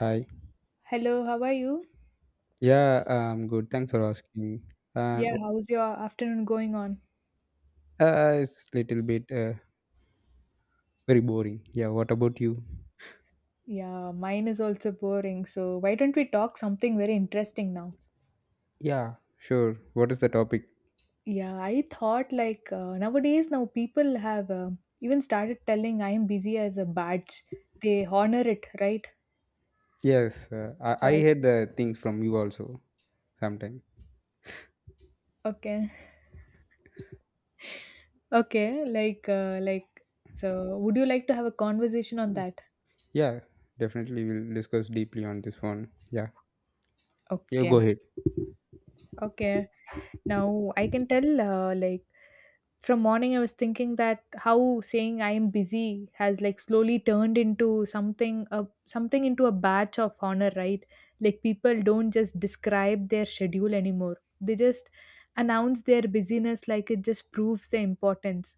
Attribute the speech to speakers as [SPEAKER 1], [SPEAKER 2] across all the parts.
[SPEAKER 1] Hi.
[SPEAKER 2] Hello, how are you?
[SPEAKER 1] Yeah, Good. Thanks for asking. And
[SPEAKER 2] Yeah, how's your afternoon going on?
[SPEAKER 1] it's little bit very boring. Yeah. What about you?
[SPEAKER 2] Yeah, mine is also boring. So why don't we talk something very interesting now?
[SPEAKER 1] Yeah. Sure. What is the topic?
[SPEAKER 2] Yeah, I thought like nowadays now people have even started telling I am busy as a badge. They honor it, right?
[SPEAKER 1] Yes. Uh, I
[SPEAKER 2] So
[SPEAKER 1] I
[SPEAKER 2] I
[SPEAKER 1] hear the things from you also sometime.
[SPEAKER 2] okay, okay, like So would you like to have a conversation on that?
[SPEAKER 1] Yeah. Definitely, we'll discuss deeply on this one. Yeah. You
[SPEAKER 2] Okay,
[SPEAKER 1] go ahead.
[SPEAKER 2] okay. Now I can tell like from morning, I was thinking that how saying I am busy has like slowly turned into something into a badge of honor, right? Like people don't just describe their schedule anymore, they just announce their busyness like it just proves the importance.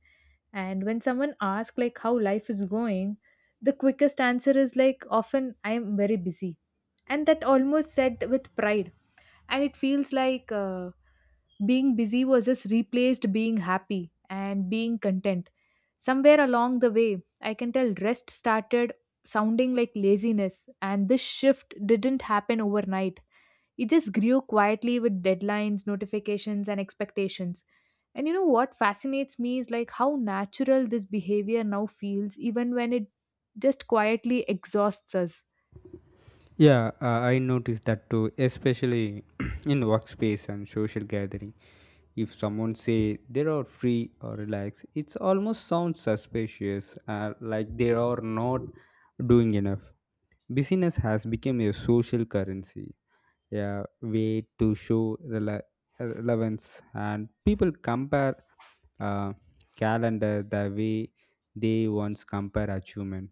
[SPEAKER 2] And when someone asks like how life is going, the quickest answer is like often I am very busy, and that almost said with pride. And it feels like being busy was just replaced being happy and being content somewhere along the way. I can tell rest started sounding like laziness, and this shift didn't happen overnight. It just grew quietly with deadlines, notifications and expectations. And you know what fascinates me is like how natural this behavior now feels even when it just quietly exhausts us.
[SPEAKER 1] Yeah, I noticed that too, especially in workspace and social gathering. If someone say they are free or relaxed, it almost sounds suspicious, like they are not doing enough. Busyness has become a social currency, a way to show relevance, and people compare uh, calendar the way they once compare achievement.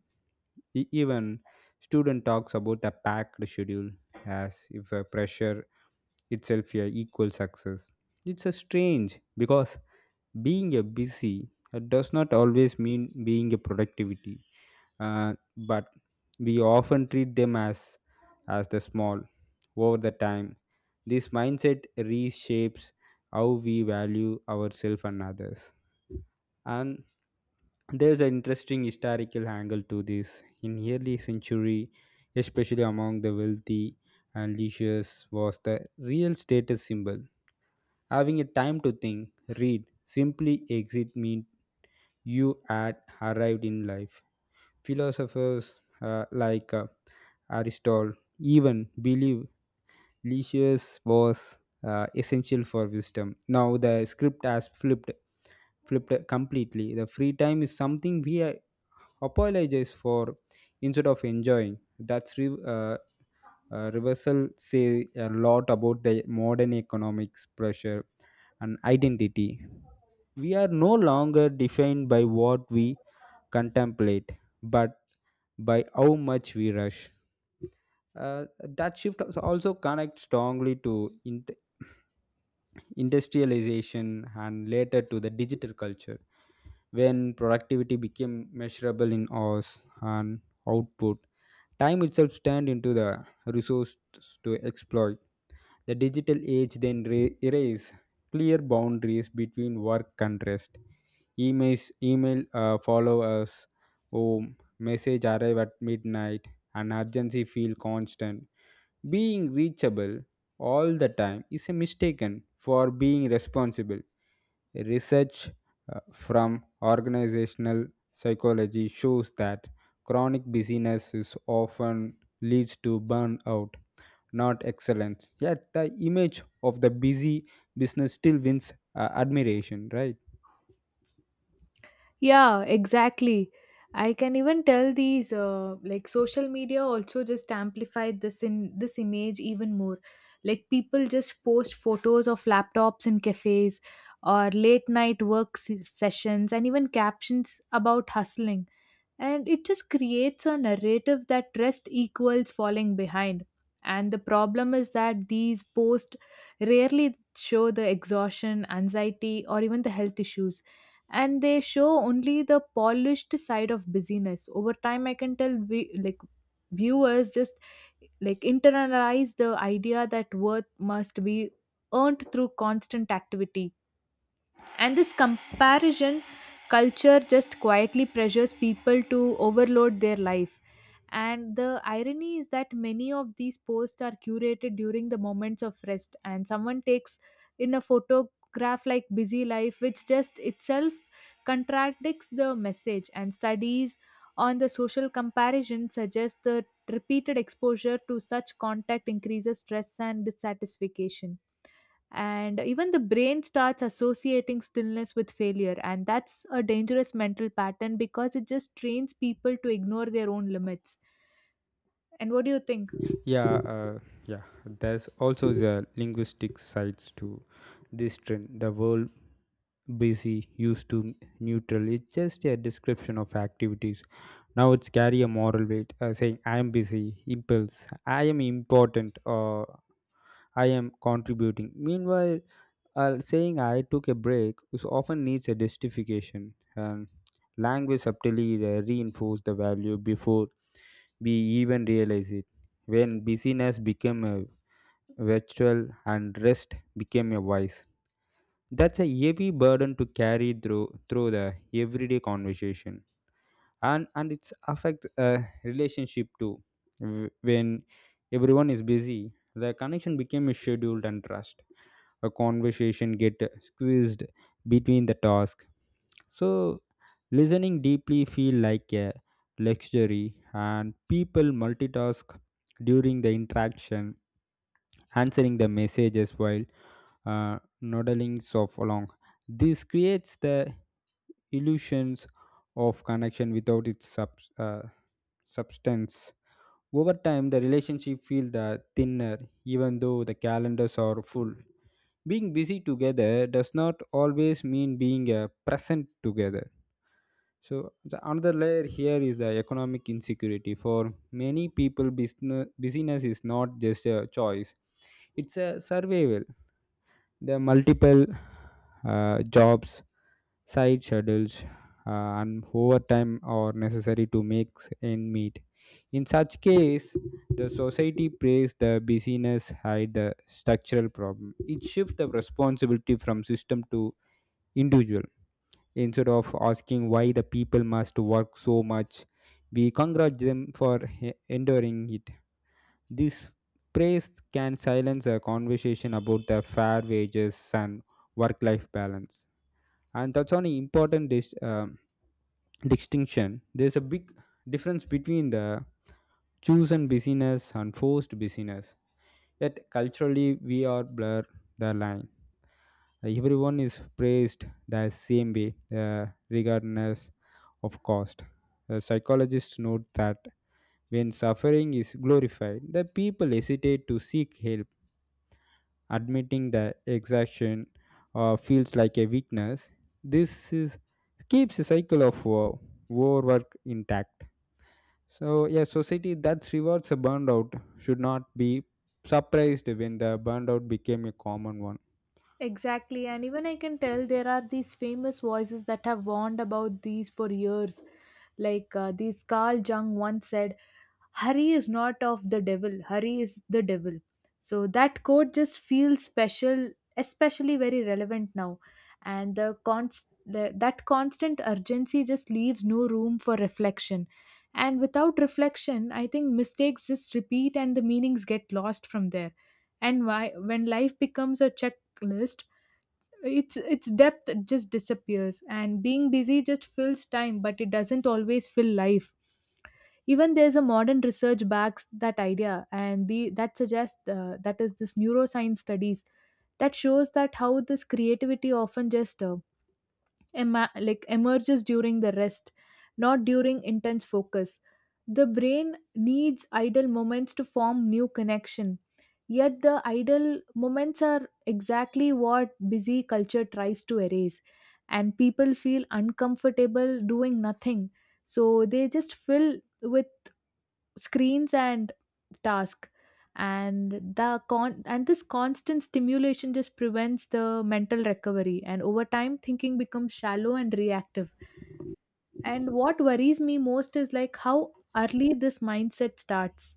[SPEAKER 1] Even student talks about the packed schedule as if a pressure itself a equal success. It's a strange because being a busy does not always mean being a productivity but we often treat them as the small over the time this mindset reshapes how we value ourselves and others, and there's an interesting historical angle to this in early century, especially among the wealthy, and leisures was the real status symbol, having a time to think read simply exit meant you had arrived in life. Philosophers like Aristotle even believed leisure was essential for wisdom. Now the script has flipped completely. The free time is something we apologize for instead of enjoying. That's reversal say a lot about the modern economics pressure and identity. We are no longer defined by what we contemplate, but by how much we rush. That shift also connects strongly to industrialization and later to the digital culture when productivity became measurable in hours and output. Time itself turned into the resource to exploit, the digital age then erased clear boundaries between work and rest. Email follow us home, message arrive at midnight, and urgency feel constant. Being reachable all the time is a mistaken for being responsible. Research from organizational psychology shows that chronic busyness is often leads to burnout not excellence. Yet the image of the busy business still wins admiration, right?
[SPEAKER 2] Yeah, exactly. I can even tell these like social media also just amplified this in this image even more. Like people just post photos of laptops in cafes or late night sessions and even captions about hustling, and it just creates a narrative that rest equals falling behind. And the problem is that these posts rarely show the exhaustion, anxiety or even the health issues, and they show only the polished side of busyness. Over time, I can tell we, like viewers, just like internalize the idea that worth must be earned through constant activity, and this comparison culture just quietly pressures people to overload their life. And the irony is that many of these posts are curated during the moments of rest, and someone takes in a photograph like busy life, which just itself contradicts the message. And studies on the social comparison suggest that repeated exposure to such contact increases stress and dissatisfaction, and even the brain starts associating stillness with failure, and that's a dangerous mental pattern because it just trains people to ignore their own limits. And what do you think?
[SPEAKER 1] Yeah, uh, yeah. There's also the linguistic sides to this trend. The word busy used to neutral. It's just a description of activities. Now it's carry a moral weight, saying I am busy, impulse, I am important, or I am contributing. Meanwhile, saying I took a break is often needs a justification, and language subtly reinforces the value before we even realize it. When busyness became a virtual and rest became a vice, that's a heavy burden to carry through the everyday conversation, and it's affect relationship too. When everyone is busy the connection became scheduled and trust a conversation get squeezed between the task, so listening deeply feel like a luxury and people multitask during the interaction answering the messages while nodding off along. This creates the illusions of connection without its uh, substance. Over time, the relationship feels the thinner, even though the calendars are full. Being busy together does not always mean being present together. So the another layer here is the economic insecurity. For many people, busyness is not just a choice; it's a survival. There are multiple jobs, side schedules, and overtime are necessary to make end meet. In such case, the society prays the busyness hide the structural problem. It shifts the responsibility from system to individual. Instead of asking why the people must work so much, we congratulate them for enduring it. This praise can silence a conversation about the fair wages and work life balance. And that's an important distinction. There's a big difference between the chosen busyness and forced busyness. Yet culturally, we are blur the line. Everyone is praised the same way, regardless of cost. The psychologists note that when suffering is glorified, the people hesitate to seek help admitting the exhaustion feels like a weakness. This is keeps the cycle of overwork intact, so yeah society that rewards a burnout should not be surprised when the burnout became a common one.
[SPEAKER 2] Exactly, and even I can tell there are these famous voices that have warned about these for years. Like this Carl Jung once said, hurry is not of the devil, hurry is the devil. So that quote just feels special, especially very relevant now. And that constant urgency just leaves no room for reflection, and without reflection I think mistakes just repeat and the meanings get lost from there. And why when life becomes a checklist, its depth just disappears, and being busy just fills time but it doesn't always fill life. Even there's a modern research backs that idea, and the that suggests that is this neuroscience studies that shows that how this creativity often just like emerges during the rest, not during intense focus. The brain needs idle moments to form new connection. Yet the idle moments are exactly what busy culture tries to erase, and people feel uncomfortable doing nothing. So they just fill with screens and task, and this constant stimulation just prevents the mental recovery, and over time thinking becomes shallow and reactive. And what worries me most is like how early this mindset starts.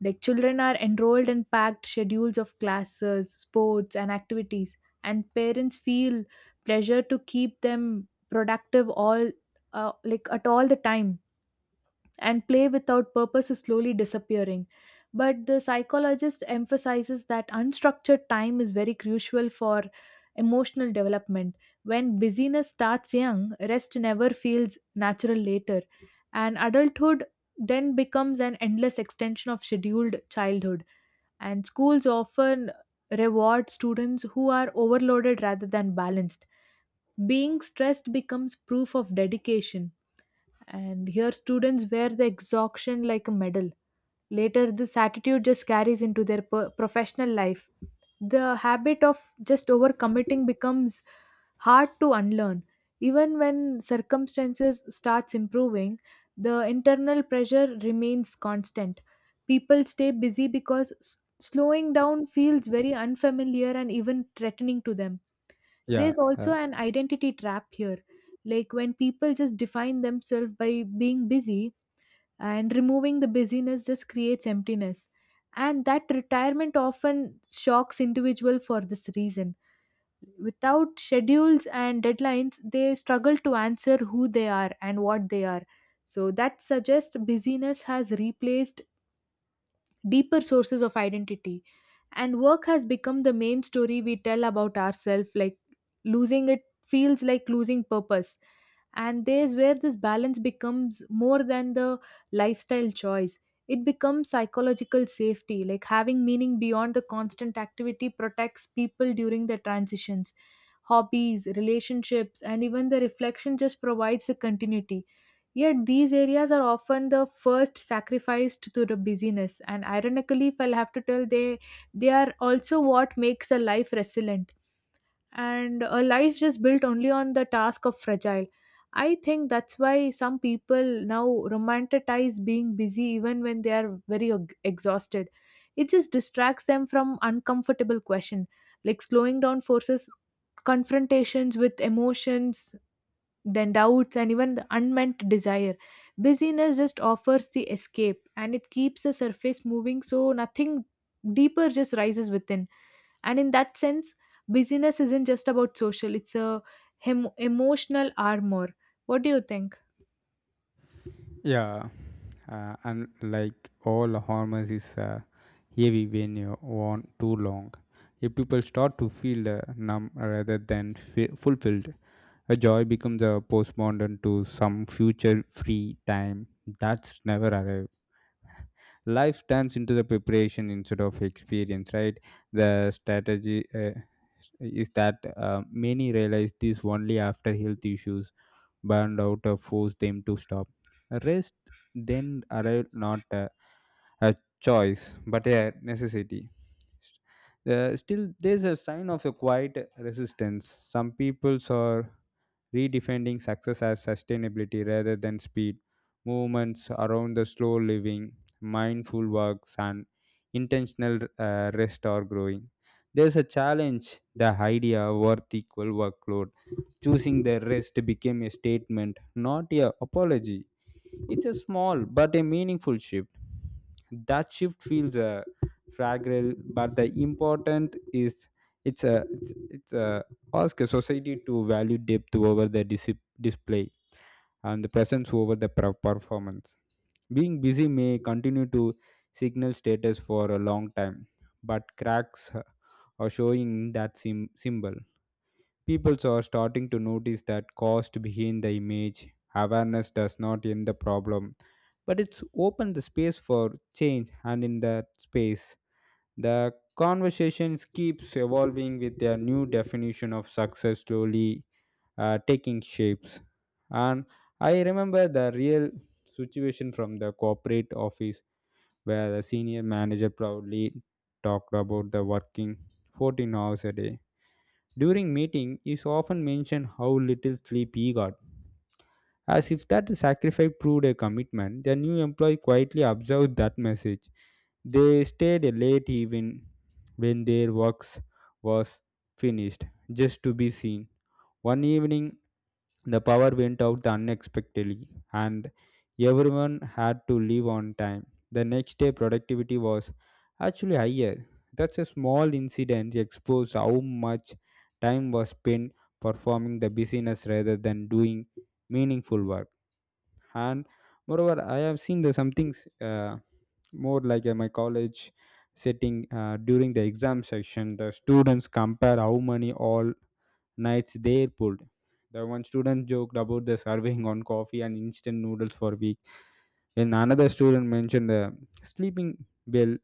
[SPEAKER 2] Like children are enrolled in packed schedules of classes, sports and activities, and parents feel pressure to keep them productive all like at all the time, and play without purpose is slowly disappearing. But the psychologist emphasizes that unstructured time is very crucial for emotional development. When busyness starts young, rest never feels natural later, and adulthood then becomes an endless extension of scheduled childhood. And schools often reward students who are overloaded rather than balanced. Being stressed becomes proof of dedication, and here, students wear the exhaustion like a medal. Later, this attitude just carries into their professional life. The habit of just overcommitting becomes hard to unlearn. Even when circumstances starts improving, the internal pressure remains constant. People stay busy because slowing down feels very unfamiliar and even threatening to them.
[SPEAKER 1] yeah
[SPEAKER 2] There's also
[SPEAKER 1] uh,
[SPEAKER 2] an identity trap here. Like when people just define themselves by being busy, and removing the busyness just creates emptiness. And that retirement often shocks individual for this reason. Without schedules and deadlines, they struggle to answer who they are and what they are. So that suggests busyness has replaced deeper sources of identity. And work has become the main story we tell about ourselves, like losing it feels like losing purpose. And there's where this balance becomes more than the lifestyle choice. It becomes psychological safety, like having meaning beyond the constant activity protects people during the transitions, hobbies, relationships, and even the reflection just provides the continuity. Yet these areas are often the first sacrificed to the busyness, and ironically, if I'll have to tell, they are also what makes a life resilient, and a life just built only on the task of fragile. I think that's why some people now romanticize being busy even when they are very exhausted. It just distracts them from uncomfortable questions, like slowing down forces confrontations with emotions, then doubts, and even the unmet desire. Busyness just offers the escape, and it keeps the surface moving so nothing deeper just rises within. And in that sense, busyness isn't just about social, it's a emotional armor. What do you think?
[SPEAKER 1] yeah uh, And like all hormones is heavy when you want too long, if people start to feel numb rather than fulfilled, a joy becomes a postmodern to some future free time that's never arrived. Life turns into the preparation instead of experience, right? The strategy is that many realize this only after health issues burned out forced them to stop. Rest then arrived not a choice but a necessity. Still, there's a sign of a quiet resistance. Some peoples are redefining success as sustainability rather than speed, movements around the slow living, mindful works, and intentional rest are growing. There's a challenge, the idea worth equal workload. Choosing the rest became a statement, not a apology. It's a small but a meaningful shift. That shift feels fragile, but the important is it's a ask a society to value depth over the display and the presence over the performance. Being busy may continue to signal status for a long time, but cracks are showing that symbol. People are starting to notice that cost behind the image. Awareness does not end the problem, but it's opened the space for change, and in that space, the conversation keeps evolving with a new definition of success slowly taking shapes. And I remember the real situation from the corporate office where the senior manager proudly talked about the working 14 hours a day. During meeting, he often mentioned how little sleep he got. As if that sacrifice proved a commitment, the new employee quietly observed that message. They stayed late even when their works was finished, just to be seen. One evening, the power went out unexpectedly, and everyone had to leave on time. The next day, productivity was actually higher. That's a small incident exposed how much time was spent performing the business rather than doing meaningful work. And moreover, I have seen the some things more like in my college setting during the exam section. The students compare how many all nights they pulled. The one student joked about the surveying on coffee and instant noodles for a week. When another student mentioned the sleeping bell,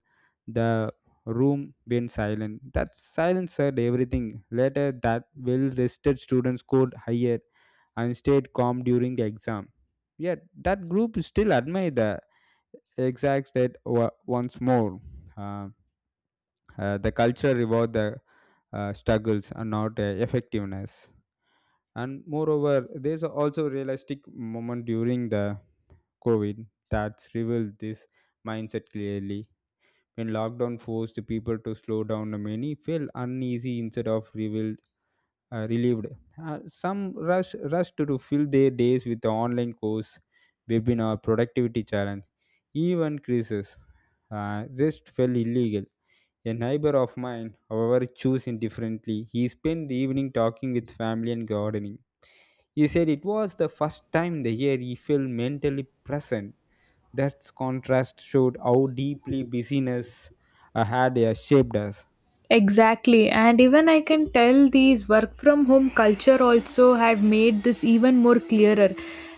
[SPEAKER 1] the room went silent. That silence said everything. Later, that well rested student scored higher and stayed calm during the exam. Yet, that group still admired the exact state once more. Uh, the culture reward the struggles and not effectiveness. And moreover, there's also realistic moment during the COVID that's revealed this mindset clearly. When lockdown forced the people to slow down, many felt uneasy instead of relieved. Some rushed to fill their days with the online course, webinar, productivity challenge, even crisis. Rest felt illegal. A neighbor of mine, however, chose indifferently. He spent the evening talking with family and gardening. He said it was the first time the year he felt mentally present. That contrast showed how deeply busyness had shaped us.
[SPEAKER 2] Exactly, and even I can tell these work from home culture also have made this even more clearer.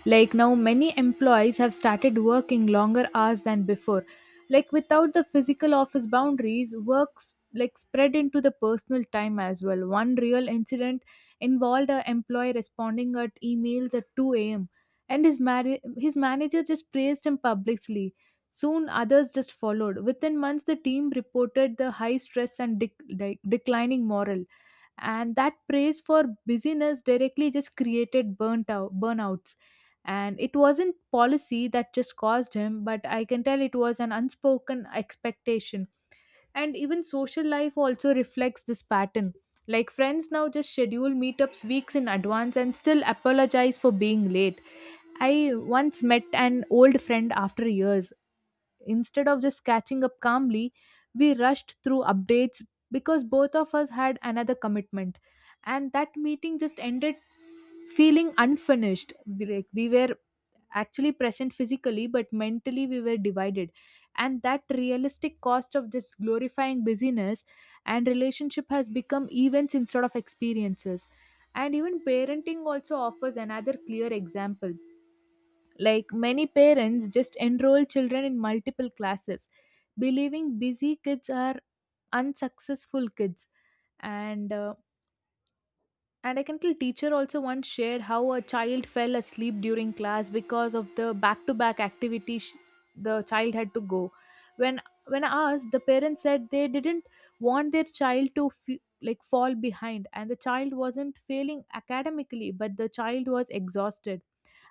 [SPEAKER 2] Like now, many employees have started working longer hours than before. Like without the physical office boundaries, works like spread into the personal time as well. One real incident involved an employee responding at emails at 2 a.m., and his his manager just praised him publicly. Soon, others just followed. Within months, the team reported the high stress and declining morale, and that praise for busyness directly just created burnouts. And it wasn't policy that just caused him, but I can tell it was an unspoken expectation. And even social life also reflects this pattern. Like friends now just schedule meetups weeks in advance and still apologize for being late. I once met an old friend after years. Instead of just catching up calmly, we rushed through updates because both of us had another commitment. And that meeting just ended feeling unfinished. Like we were actually present physically, but mentally we were divided. And that realistic cost of just glorifying busyness, and relationship has become events instead of experiences. And even parenting also offers another clear example, like many parents just enroll children in multiple classes, believing busy kids are unsuccessful kids. And uh, and I can tell teacher also once shared how a child fell asleep during class because of the back-to-back the child had to go. When when I asked, the parents said they didn't want their child to like fall behind, and the child wasn't failing academically, but the child was exhausted,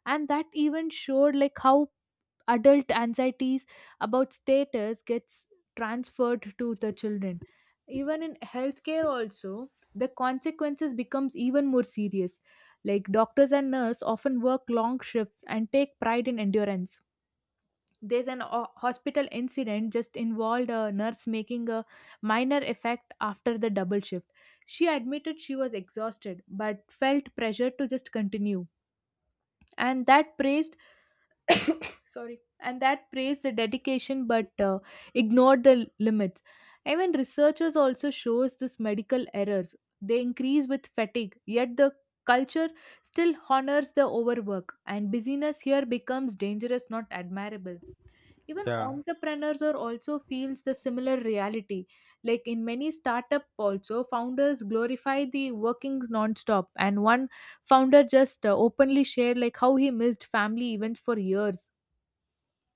[SPEAKER 2] and that even showed like how adult anxieties about status gets transferred to the children. Even in healthcare also the consequences becomes even more serious, like doctors and nurse often work long shifts and take pride in endurance. There's an hospital incident just involved a nurse making a minor effect after the double shift. She admitted she was exhausted but felt pressure to just continue, and that praise and that praised the dedication but ignored the limits. Even researchers also shows this medical errors, they increase with fatigue, yet the culture still honors the overwork, and busyness here becomes dangerous, not admirable. Even
[SPEAKER 1] Yeah.
[SPEAKER 2] entrepreneurs are also feels the similar reality, like in many startup also founders glorify the working non-stop. And one founder just openly shared like how he missed family events for years.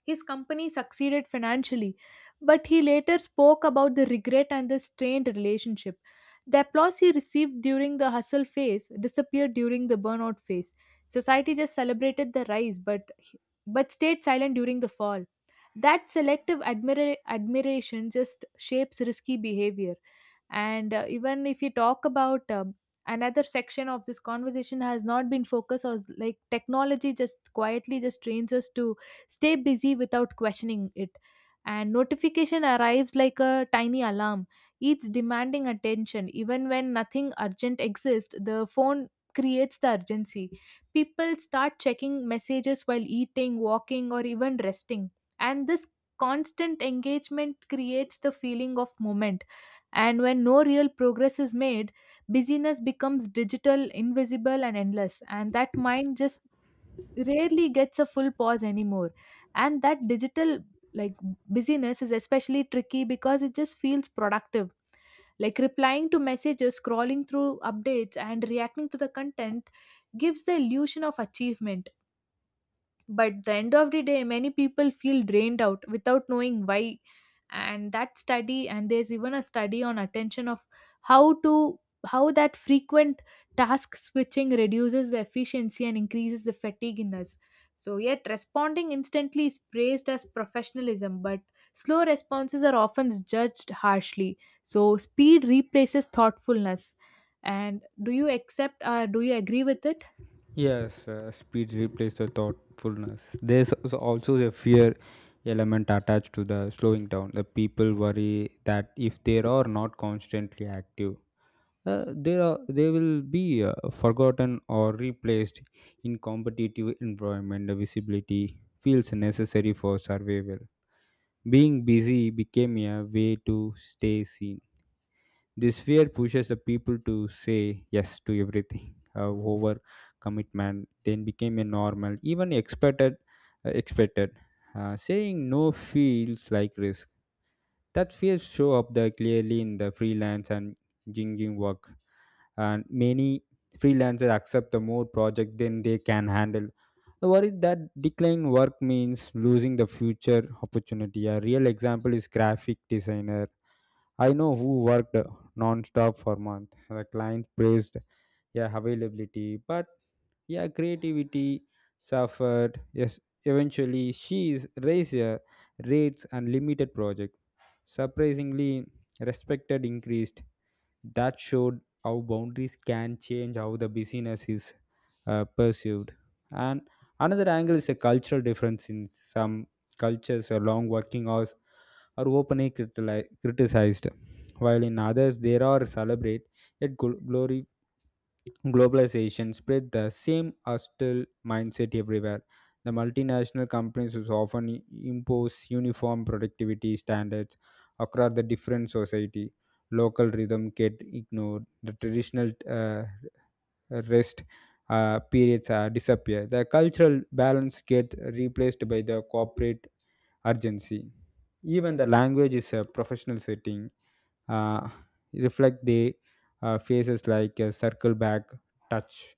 [SPEAKER 2] His company succeeded financially, but he later spoke about the regret and the strained relationship. The applause he received during the hustle phase disappeared during the burnout phase. Society just celebrated the rise, but stayed silent during the fall. That selective admiration just shapes risky behavior. And even if you talk about another section of this conversation has not been focused on, like, technology just quietly just trains us to stay busy without questioning it, and notification arrives like a tiny alarm, each demanding attention even when nothing urgent exists. The phone creates the urgency. People start checking messages while eating, walking, or even resting, and this constant engagement creates the feeling of moment. And when no real progress is made, busyness becomes digital, invisible, and endless, and that mind just rarely gets a full pause anymore. And that digital, like, busyness is especially tricky because it just feels productive, like replying to messages, scrolling through updates, and reacting to the content gives the illusion of achievement. But the end of the day, many people feel drained out without knowing why. And that study, and there's even a study on attention of how to, how that frequent task switching reduces the efficiency and increases the fatigue in us. So yet responding instantly is praised as professionalism, but slow responses are often judged harshly. So speed replaces thoughtfulness. And do you accept or do you agree with it?
[SPEAKER 1] Yes, speed replaced the thoughtfulness. There's also the fear element attached to the slowing down. The people worry that if they are not constantly active, they will be forgotten or replaced in competitive environment. The visibility feels necessary for survival. Being busy became a way to stay seen. This fear pushes the people to say yes to everything. Over commitment then became a normal, even expected. Uh, expected. Saying no feels like risk. That fears show up there clearly in the freelance and jinging work, and many freelancers accept the more project than they can handle. The worry that declining work means losing the future opportunity. A real example is graphic designer I know who worked non-stop for months. The client praised yeah availability, but yeah creativity suffered. Yes, eventually she is raised her rates and limited project. Surprisingly, respected increased. That showed how boundaries can change how the business is perceived. And another angle is a cultural difference in some cultures. A long working hours are openly criticized while in others there are celebrate, yet glory globalization spread the same hostile mindset everywhere. The multinational companies is often impose uniform productivity standards across the different society, local rhythm get ignored, the traditional uh, rest periods disappear, the cultural balance get replaced by the corporate urgency. Even the language is a professional setting uh, reflect the phases like circle back, touch,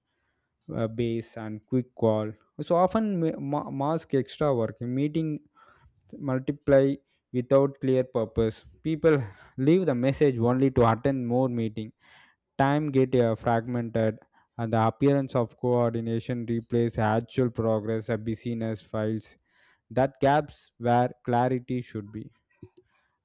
[SPEAKER 1] base, and quick call. So often mask extra work, meeting multiply without clear purpose. People leave the message only to attend more meeting. Time get fragmented, and the appearance of coordination replace actual progress. A busyness files that gaps where clarity should be.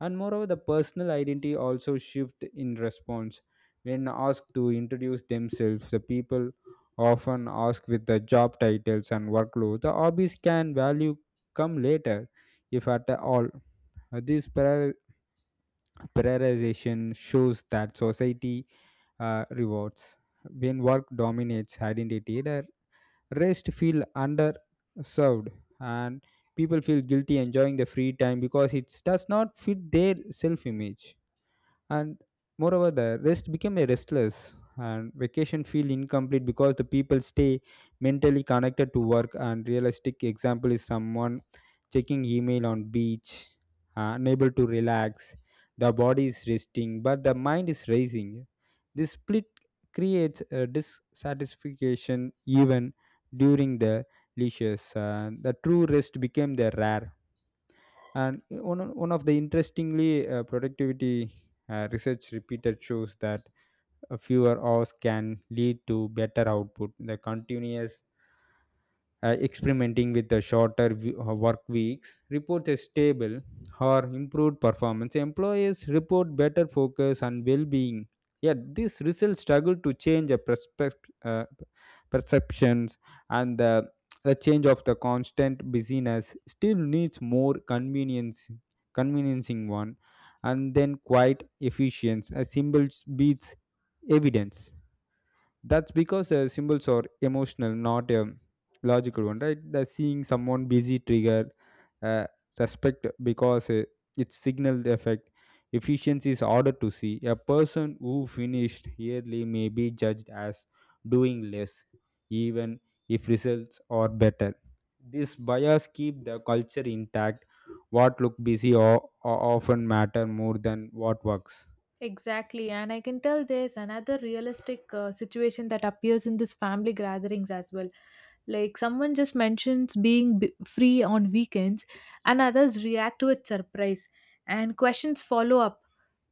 [SPEAKER 1] And moreover, the personal identity also shift in response. When asked to introduce themselves, the people often ask with the job titles and workload. The hobbies can value come later, if at all. This prioritization shows that society rewards. When work dominates identity, the rest feel underserved, and people feel guilty enjoying the free time because it does not fit their self image. And moreover the rest became a restless and vacation feel incomplete because the people stay mentally connected to work, and realistic example is someone checking email on beach unable to relax. The body is resting but the mind is racing, this split creates a dissatisfaction even during the leisures. The true rest became the rare, and one of the interestingly productivity research repeated shows that fewer hours can lead to better output. The continuous experimenting with the shorter work weeks reports a stable or improved performance. Employers report better focus and well-being. Yet these results struggle to change a perceptions, and the change of the constant busyness still needs more convenience, conveniencing one, and then quite efficient. A symbol beats evidence. That's because symbols are emotional, not a logical one, right? The seeing someone busy trigger uh, respect because it's signal the effect. Efficiency is harder to see. A person who finished yearly may be judged as doing less, even if results are better. This bias keep the culture intact. What look busy or, often matter more than what works.
[SPEAKER 2] Exactly, and I can tell there's another realistic situation that appears in this family gatherings as well. Like someone just mentions being free on weekends, and others react with surprise, and questions follow up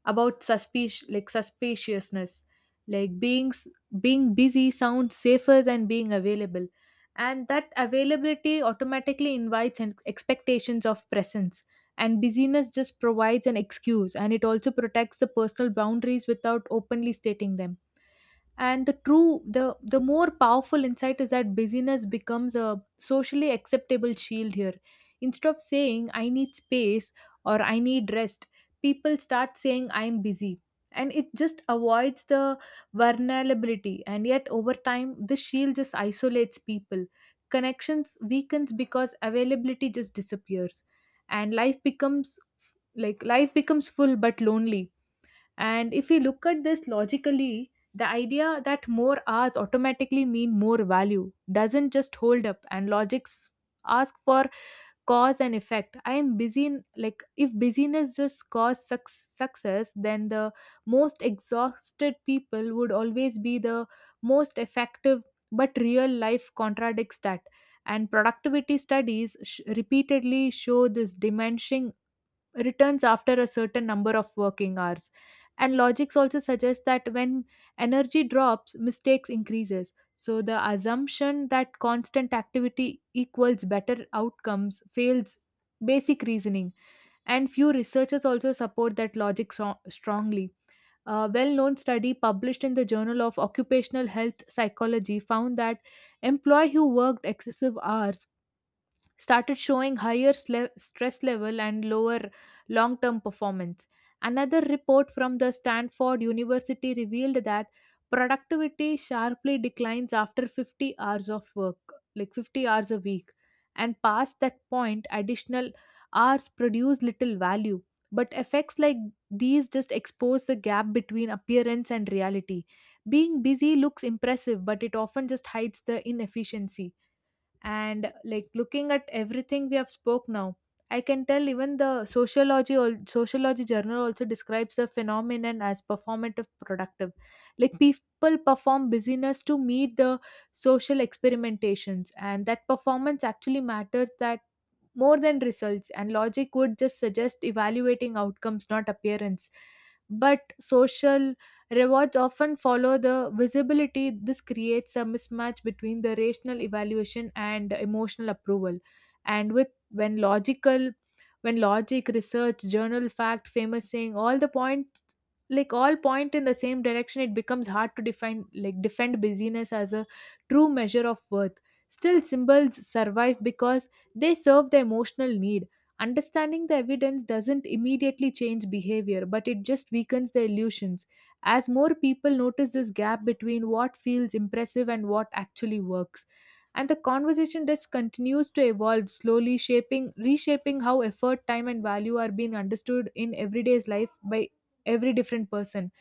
[SPEAKER 2] about like suspiciousness, like being busy sounds safer than being available. And that availability automatically invites an expectations of presence, and busyness just provides an excuse, and it also protects the personal boundaries without openly stating them. And the true, the more powerful insight is that busyness becomes a socially acceptable shield here. Instead of saying I need space or I need rest, people start saying I'm busy, and it just avoids the vulnerability. And yet over time this shield just isolates people. Connections weakens because availability just disappears, and life becomes, life becomes full but lonely. And if we look at this logically, the idea that more hours automatically mean more value doesn't just hold up, and logics ask for cause and effect. I am busy in, like, if busyness just caused success, then the most exhausted people would always be the most effective, but real life contradicts that. And productivity studies repeatedly show this diminishing returns after a certain number of working hours. And logics also suggests that when energy drops mistakes increases, so the assumption that constant activity equals better outcomes fails basic reasoning. And few researchers also support that logic strongly. A well-known study published in the Journal of Occupational Health Psychology found that employee who worked excessive hours started showing higher stress level and lower long term performance. Another report from the Stanford University revealed that productivity sharply declines after 50 hours of work, like 50 hours a week. And past that point, additional hours produce little value. But effects like these just expose the gap between appearance and reality. Being busy looks impressive, but it often just hides the inefficiency. And, like, looking at everything we have spoke now, I can tell even the sociology or sociology journal also describes the phenomenon as performative productive, like people perform busyness to meet the social experimentations, and that performance actually matters that more than results. And logic would just suggest evaluating outcomes, not appearance, but social rewards often follow the visibility. This creates a mismatch between the rational evaluation and emotional approval. And when logic, research, journal fact, famous saying, all the points, like all point in the same direction, it becomes hard to define like defend busyness as a true measure of worth. Still, symbols survive because they serve the emotional need. Understanding the evidence doesn't immediately change behavior, but it just weakens the illusions as more people notice this gap between what feels impressive and what actually works. And the conversation that continues to evolve slowly shaping reshaping how effort, time, and value are being understood in everyday's life by every different person.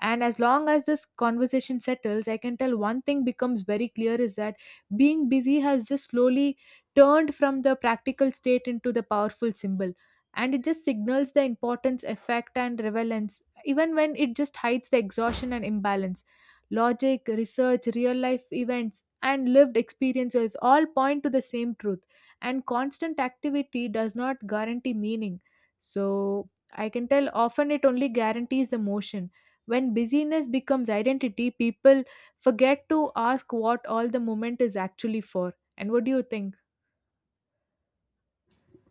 [SPEAKER 2] And as long as this conversation settles, I can tell one thing becomes very clear is that being busy has just slowly turned from the practical state into the powerful symbol. And it just signals the importance, effect, and relevance, even when it just hides the exhaustion and imbalance. Logic, research, real life events, and lived experiences all point to the same truth. And constant activity does not guarantee meaning. So I can tell often it only guarantees the motion. When busyness becomes identity, people forget to ask what all the moment is actually for. And what do you think?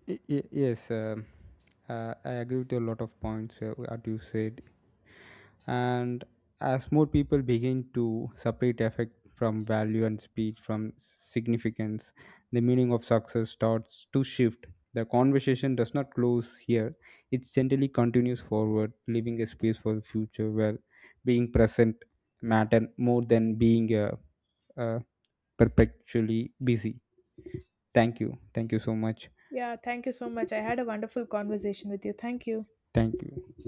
[SPEAKER 1] Yes, I agree with a lot of points what you said. And as more people begin to separate effect from value and speed from significance, the meaning of success starts to shift. The conversation does not close here, it gently continues forward, leaving a space for the future where being present matter more than being uh, perpetually busy. Thank you. Thank you so much.
[SPEAKER 2] Yeah, thank you so much. I had a wonderful conversation with you. Thank you.
[SPEAKER 1] Thank you.